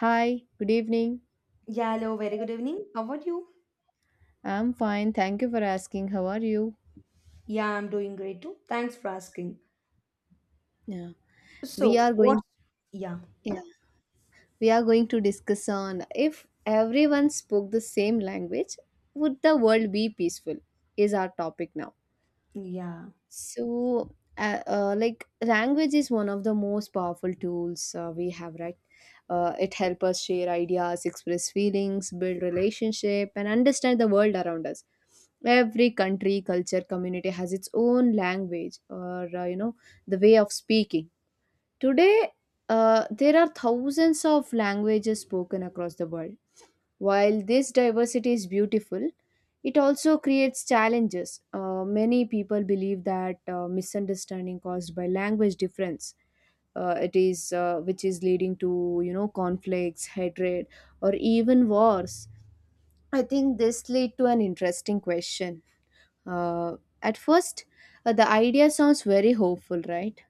Hi, good evening. Yeah, hello, very good evening. How are you? I'm fine. Thank you for asking. How are you? Yeah, I'm doing great too. Thanks for asking. Yeah. We So, are what? going, Yeah, yeah, we are going to discuss on if everyone spoke the same language, would the world be peaceful? Is our topic now. yeah, So, like language is one of the most powerful tools we have, right? It helps us share ideas, express feelings, build relationship, and understand the world around us. Every country, culture, community has its own language, or the way of speaking. Today, there are thousands of languages spoken across the world while this diversity is beautiful, it also creates challenges. Many people believe that misunderstanding caused by language difference, it is which is leading to, conflicts, hatred, or even wars. I think this lead to an interesting question. At first, the idea sounds very hopeful, right?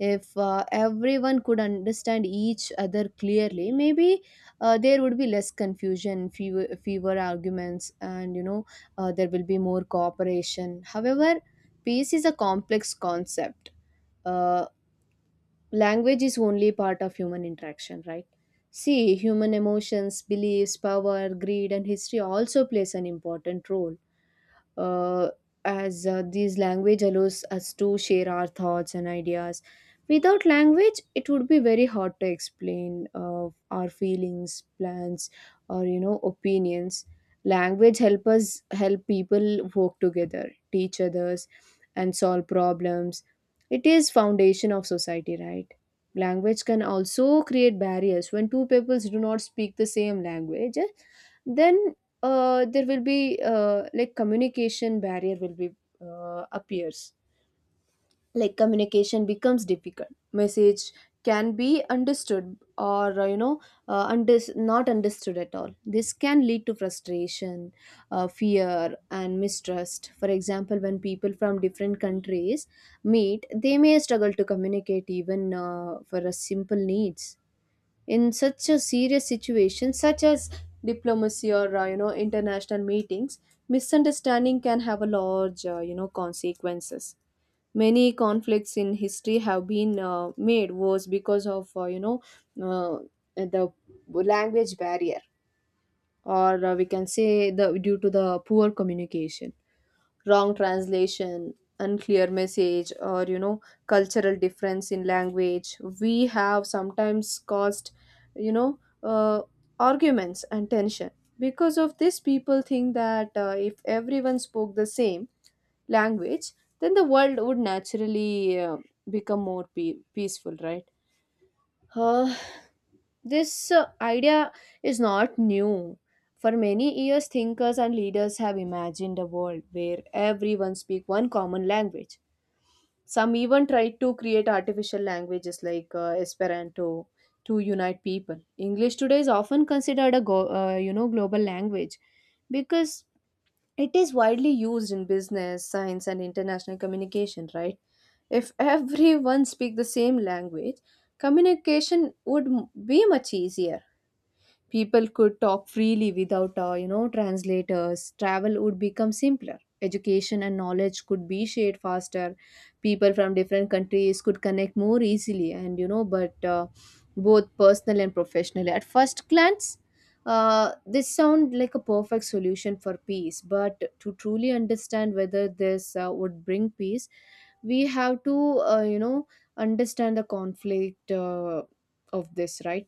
If everyone could understand each other clearly, maybe there would be less confusion, fewer arguments, and there will be more cooperation. However, peace is a complex concept. uh, Language is only part of human interaction, right? See, human emotions, beliefs, power, greed, and history also plays an important role. uh, as these language allows us to share our thoughts and ideas. Without language it would be very hard to explain our feelings, plans, or, opinions. Language help us, help people work together, teach others, and solve problems. It is foundation of society, right? Language can also create barriers. When two peoples do not speak the same language, then there will be, like, communication barrier will be, appears. Like, communication becomes difficult. Message can be understood, or, unders not understood at all. This can lead to frustration, fear, and mistrust. For example, when people from different countries meet, they may struggle to communicate even for a simple needs. In such a serious situation such as diplomacy, or, international meetings, misunderstanding can have a large, consequences. Many conflicts in history have been made worse because of, uh, the language barrier. Or, we can say the due to the poor communication, wrong translation, unclear message, or, cultural difference in language, we have sometimes caused, you know uh, arguments and tension. Because of this, people think that if everyone spoke the same language, then the world would naturally become more peaceful, right? uh, this idea is not new. For many years, thinkers and leaders have imagined a world where everyone speaks one common language. Some even tried to create artificial languages like Esperanto to unite people. English today is often considered a global language because it is widely used in business, science, and international communication. Right, if everyone speak the same language, communication would be much easier. People could talk freely without, translators. Travel would become simpler. Education and knowledge could be shared faster. People from different countries could connect more easily, and, you know, but both personally and professionally. At first glance, this sound like a perfect solution for peace, but to truly understand whether this would bring peace, we have to, uh, you know, understand the conflict of this, right?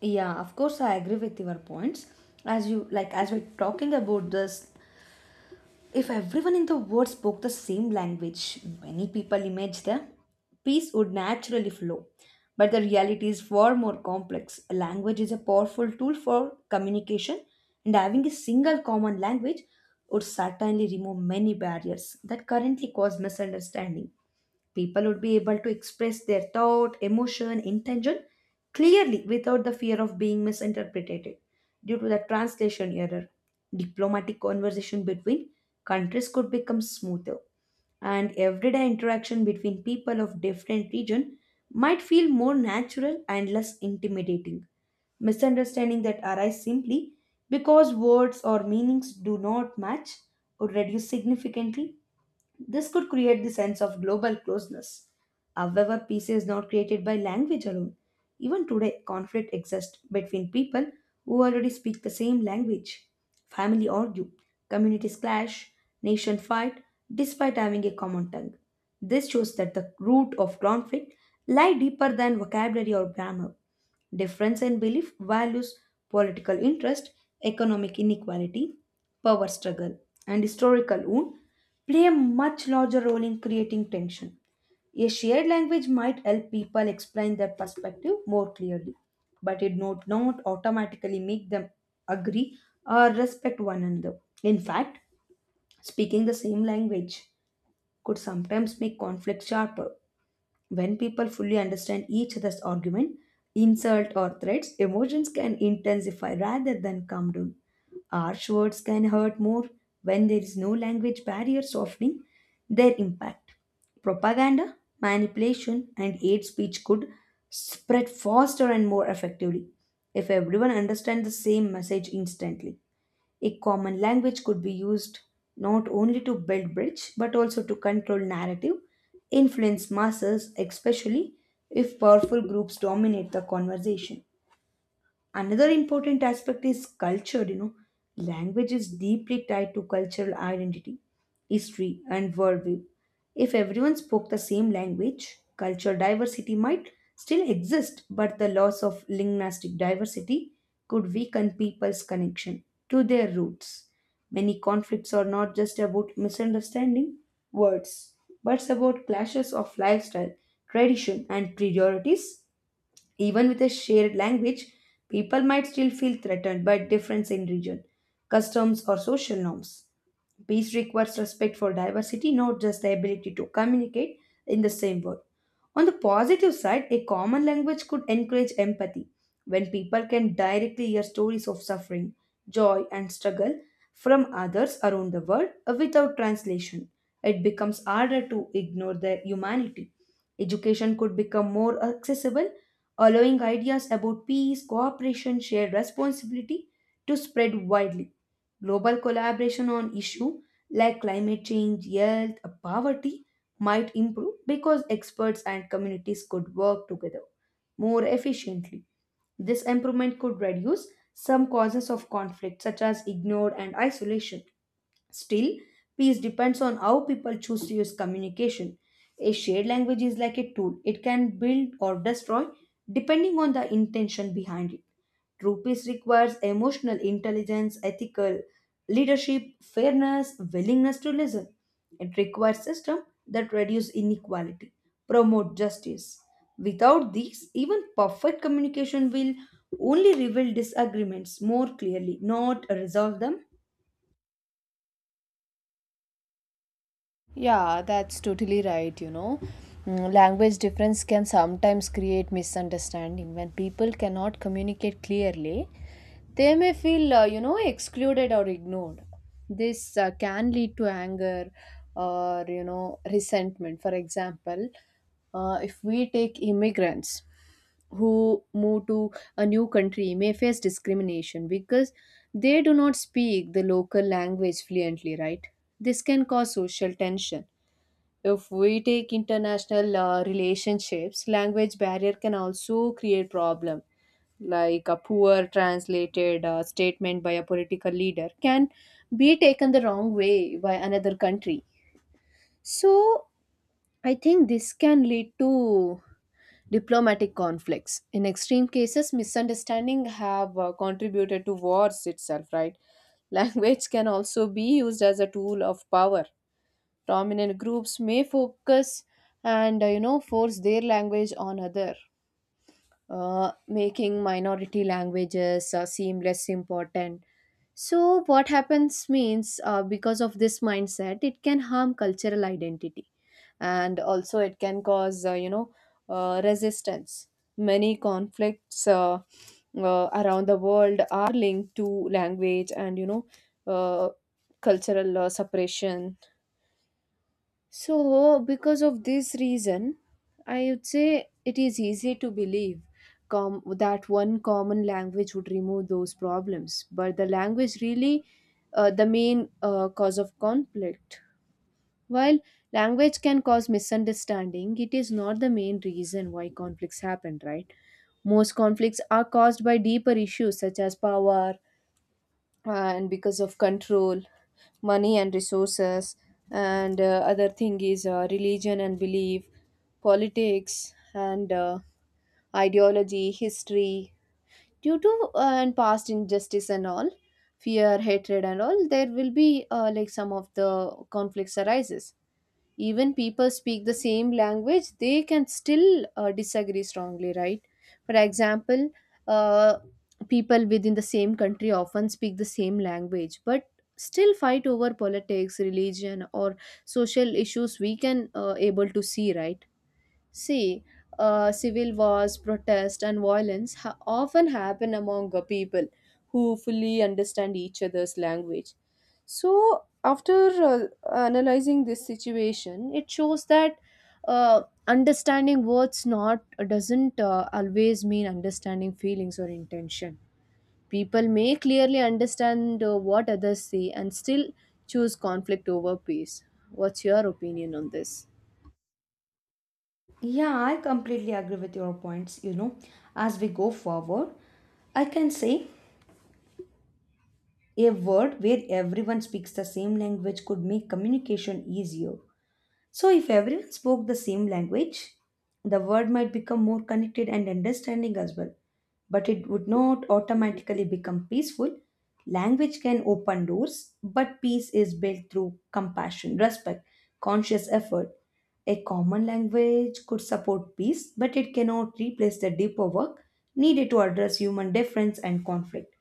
yeah. Of course, I agree with your points. As you like, as we're talking about this, if everyone in the world spoke the same language, many people imagine them, peace would naturally flow. But the reality is far more complex. A language is a powerful tool for communication, and having a single common language would certainly remove many barriers that currently cause misunderstanding. People would be able to express their thought, emotion, intention clearly without the fear of being misinterpreted due to the translation error. Diplomatic conversation between countries could become smoother, and everyday interaction between people of different region might feel more natural and less intimidating. Misunderstanding that arise simply because words or meanings do not match would reduce significantly. This could create the sense of global closeness. However, peace is not created by language alone. Even today, conflict exists between people who already speak the same language. Family argue, communities clash, nation fight, despite having a common tongue. This shows that the root of conflict lie deeper than vocabulary or grammar. Difference in belief, values, political interest, economic inequality, power struggle, and historical wound play a much larger role in creating tension. A shared language might help people explain their perspective more clearly, but it would not automatically make them agree or respect one another. In fact, speaking the same language could sometimes make conflict sharper. When people fully understand each other's argument, insult, or threats, emotions can intensify rather than calm down. Harsh words can hurt more when there is no language barrier softening their impact. Propaganda, manipulation, and hate speech could spread faster and more effectively if everyone understands the same message instantly. A common language could be used not only to build bridge but also to control narrative, influence masses, especially if powerful groups dominate the conversation. Another important aspect is culture, you know. Language is deeply tied to cultural identity, history, and worldview. If everyone spoke the same language, cultural diversity might still exist, but the loss of linguistic diversity could weaken people's connection to their roots. Many conflicts are not just about misunderstanding words, but about clashes of lifestyle, tradition, and priorities. Even with a shared language, people might still feel threatened by difference in region, customs, or social norms. Peace requires respect for diversity, not just the ability to communicate in the same word. On the positive side, a common language could encourage empathy. When people can directly hear stories of suffering, joy, and struggle from others around the world without translation, it becomes harder to ignore their humanity. Education could become more accessible, allowing ideas about peace, cooperation, shared responsibility to spread widely. Global collaboration on issues like climate change, health, poverty might improve because experts and communities could work together more efficiently. This improvement could reduce some causes of conflict, such as ignored and isolation. Still, peace depends on how people choose to use communication. A shared language is like a tool, it can build or destroy depending on the intention behind it. True peace requires emotional intelligence, ethical leadership, fairness, willingness to listen. It requires system that reduce inequality, promote justice. Without these, even perfect communication will only reveal disagreements more clearly, not resolve them. Yeah, that's totally right, you know. Mm, language difference can sometimes create misunderstanding. When people cannot communicate clearly, they may feel, excluded or ignored. This can lead to anger or, resentment. For example, if we take immigrants who move to a new country may face discrimination because they do not speak the local language fluently, right? This can cause social tension. If we take international relationships, language barrier can also create problem. Like, a poor translated statement by a political leader can be taken the wrong way by another country. So I think this can lead to diplomatic conflicts. In extreme cases, misunderstanding have contributed to wars itself, right? Language can also be used as a tool of power. Dominant groups may focus and force their language on other, making minority languages seem less important. So what happens means, because of this mindset, it can harm cultural identity, and also it can cause, resistance. Many conflicts around the world are linked to language and, uh, cultural separation. So, because of this reason, I would say it is easy to believe that one common language would remove those problems, but the language really the main cause of conflict. While language can cause misunderstanding, it is not the main reason why conflicts happen, right? Most conflicts are caused by deeper issues such as power, and because of control, money and resources, and, other thing is, religion and belief, politics, and, ideology, history, due to and past injustice and all, fear, hatred, and all, there will be, like, some of the conflicts arises. Even people speak the same language, they can still disagree strongly, right? For example, uh, people within the same country often speak the same language, but still fight over politics, religion, or social issues, we can able to see, right? See, civil wars, protests, and violence often happen among people who fully understand each other's language. So, after analyzing this situation, it shows that understanding words not doesn't always mean understanding feelings or intention. People may clearly understand what others say and still choose conflict over peace. What's your opinion on this? Yeah, I completely agree with your points. You know, as we go forward, I can say a world where everyone speaks the same language could make communication easier. So, if everyone spoke the same language, the world might become more connected and understanding as well. But it would not automatically become peaceful. Language can open doors, but peace is built through compassion, respect, conscious effort. A common language could support peace, but it cannot replace the deeper work needed to address human difference and conflict.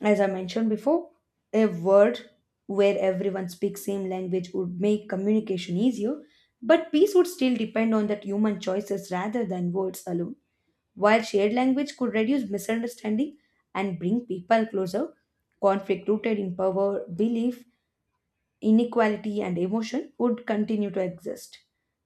As I mentioned before, a world where everyone speaks same language would make communication easier, but peace would still depend on that human choices rather than words alone. While shared language could reduce misunderstanding and bring people closer, conflict rooted in power, belief, inequality and emotion would continue to exist.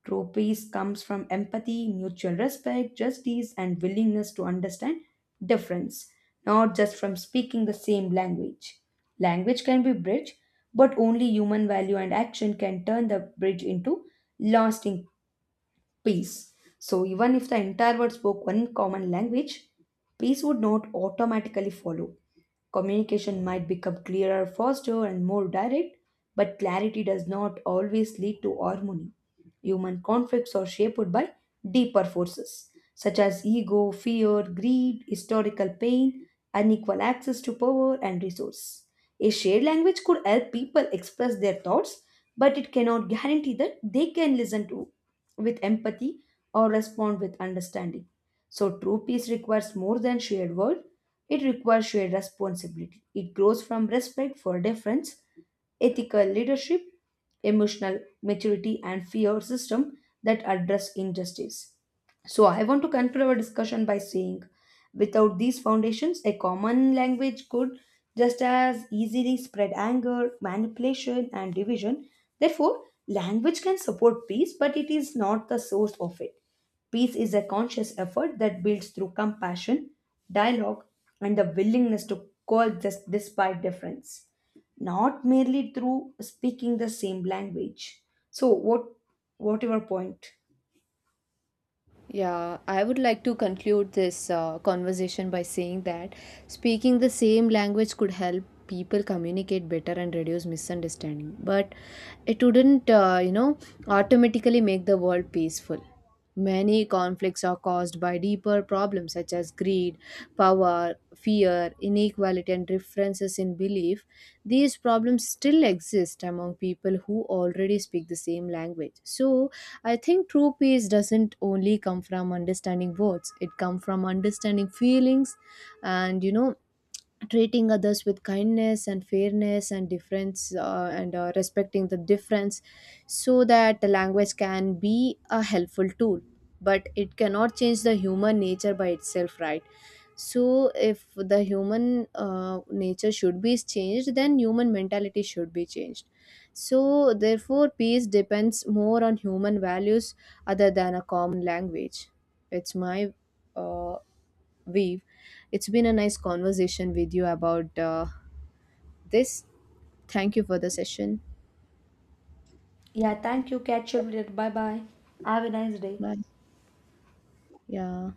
True peace comes from empathy, mutual respect, justice, and willingness to understand difference, not just from speaking the same language. Language can be bridge, but only human value and action can turn the bridge into lasting peace. So even if the entire world spoke one common language, peace would not automatically follow. Communication might become clearer, faster, and more direct, but clarity does not always lead to harmony. Human conflicts are shaped by deeper forces such as ego, fear, greed, historical pain, unequal access to power and resource. A shared language could help people express their thoughts, but it cannot guarantee that they can listen to with empathy or respond with understanding. So true peace requires more than shared words. It requires shared responsibility. It grows from respect for difference, ethical leadership, emotional maturity, and fear system that address injustice. So, I want to conclude our discussion by saying without these foundations, a common language could just as easily spread anger, manipulation, and division. Therefore, language can support peace, but it is not the source of it. Peace is a conscious effort that builds through compassion, dialogue, and the willingness to coexist despite difference, not merely through speaking the same language. So what your point? Yeah, I would like to conclude this conversation by saying that speaking the same language could help people communicate better and reduce misunderstanding, but it wouldn't, automatically make the world peaceful. Many conflicts are caused by deeper problems such as greed, power, fear, inequality, and differences in belief. These problems still exist among people who already speak the same language. So, I think true peace doesn't only come from understanding words, it comes from understanding feelings and, you know, treating others with kindness and fairness and difference, and respecting the difference, so that the language can be a helpful tool but it cannot change the human nature by itself, right? So if the human nature should be changed, then human mentality should be changed. So therefore peace depends more on human values other than a common language. It's my, uh, Weave. It's been a nice conversation with you about this. Thank you for the session. Yeah, thank you. Catch you later. Bye bye. Have a nice day. Bye. Yeah.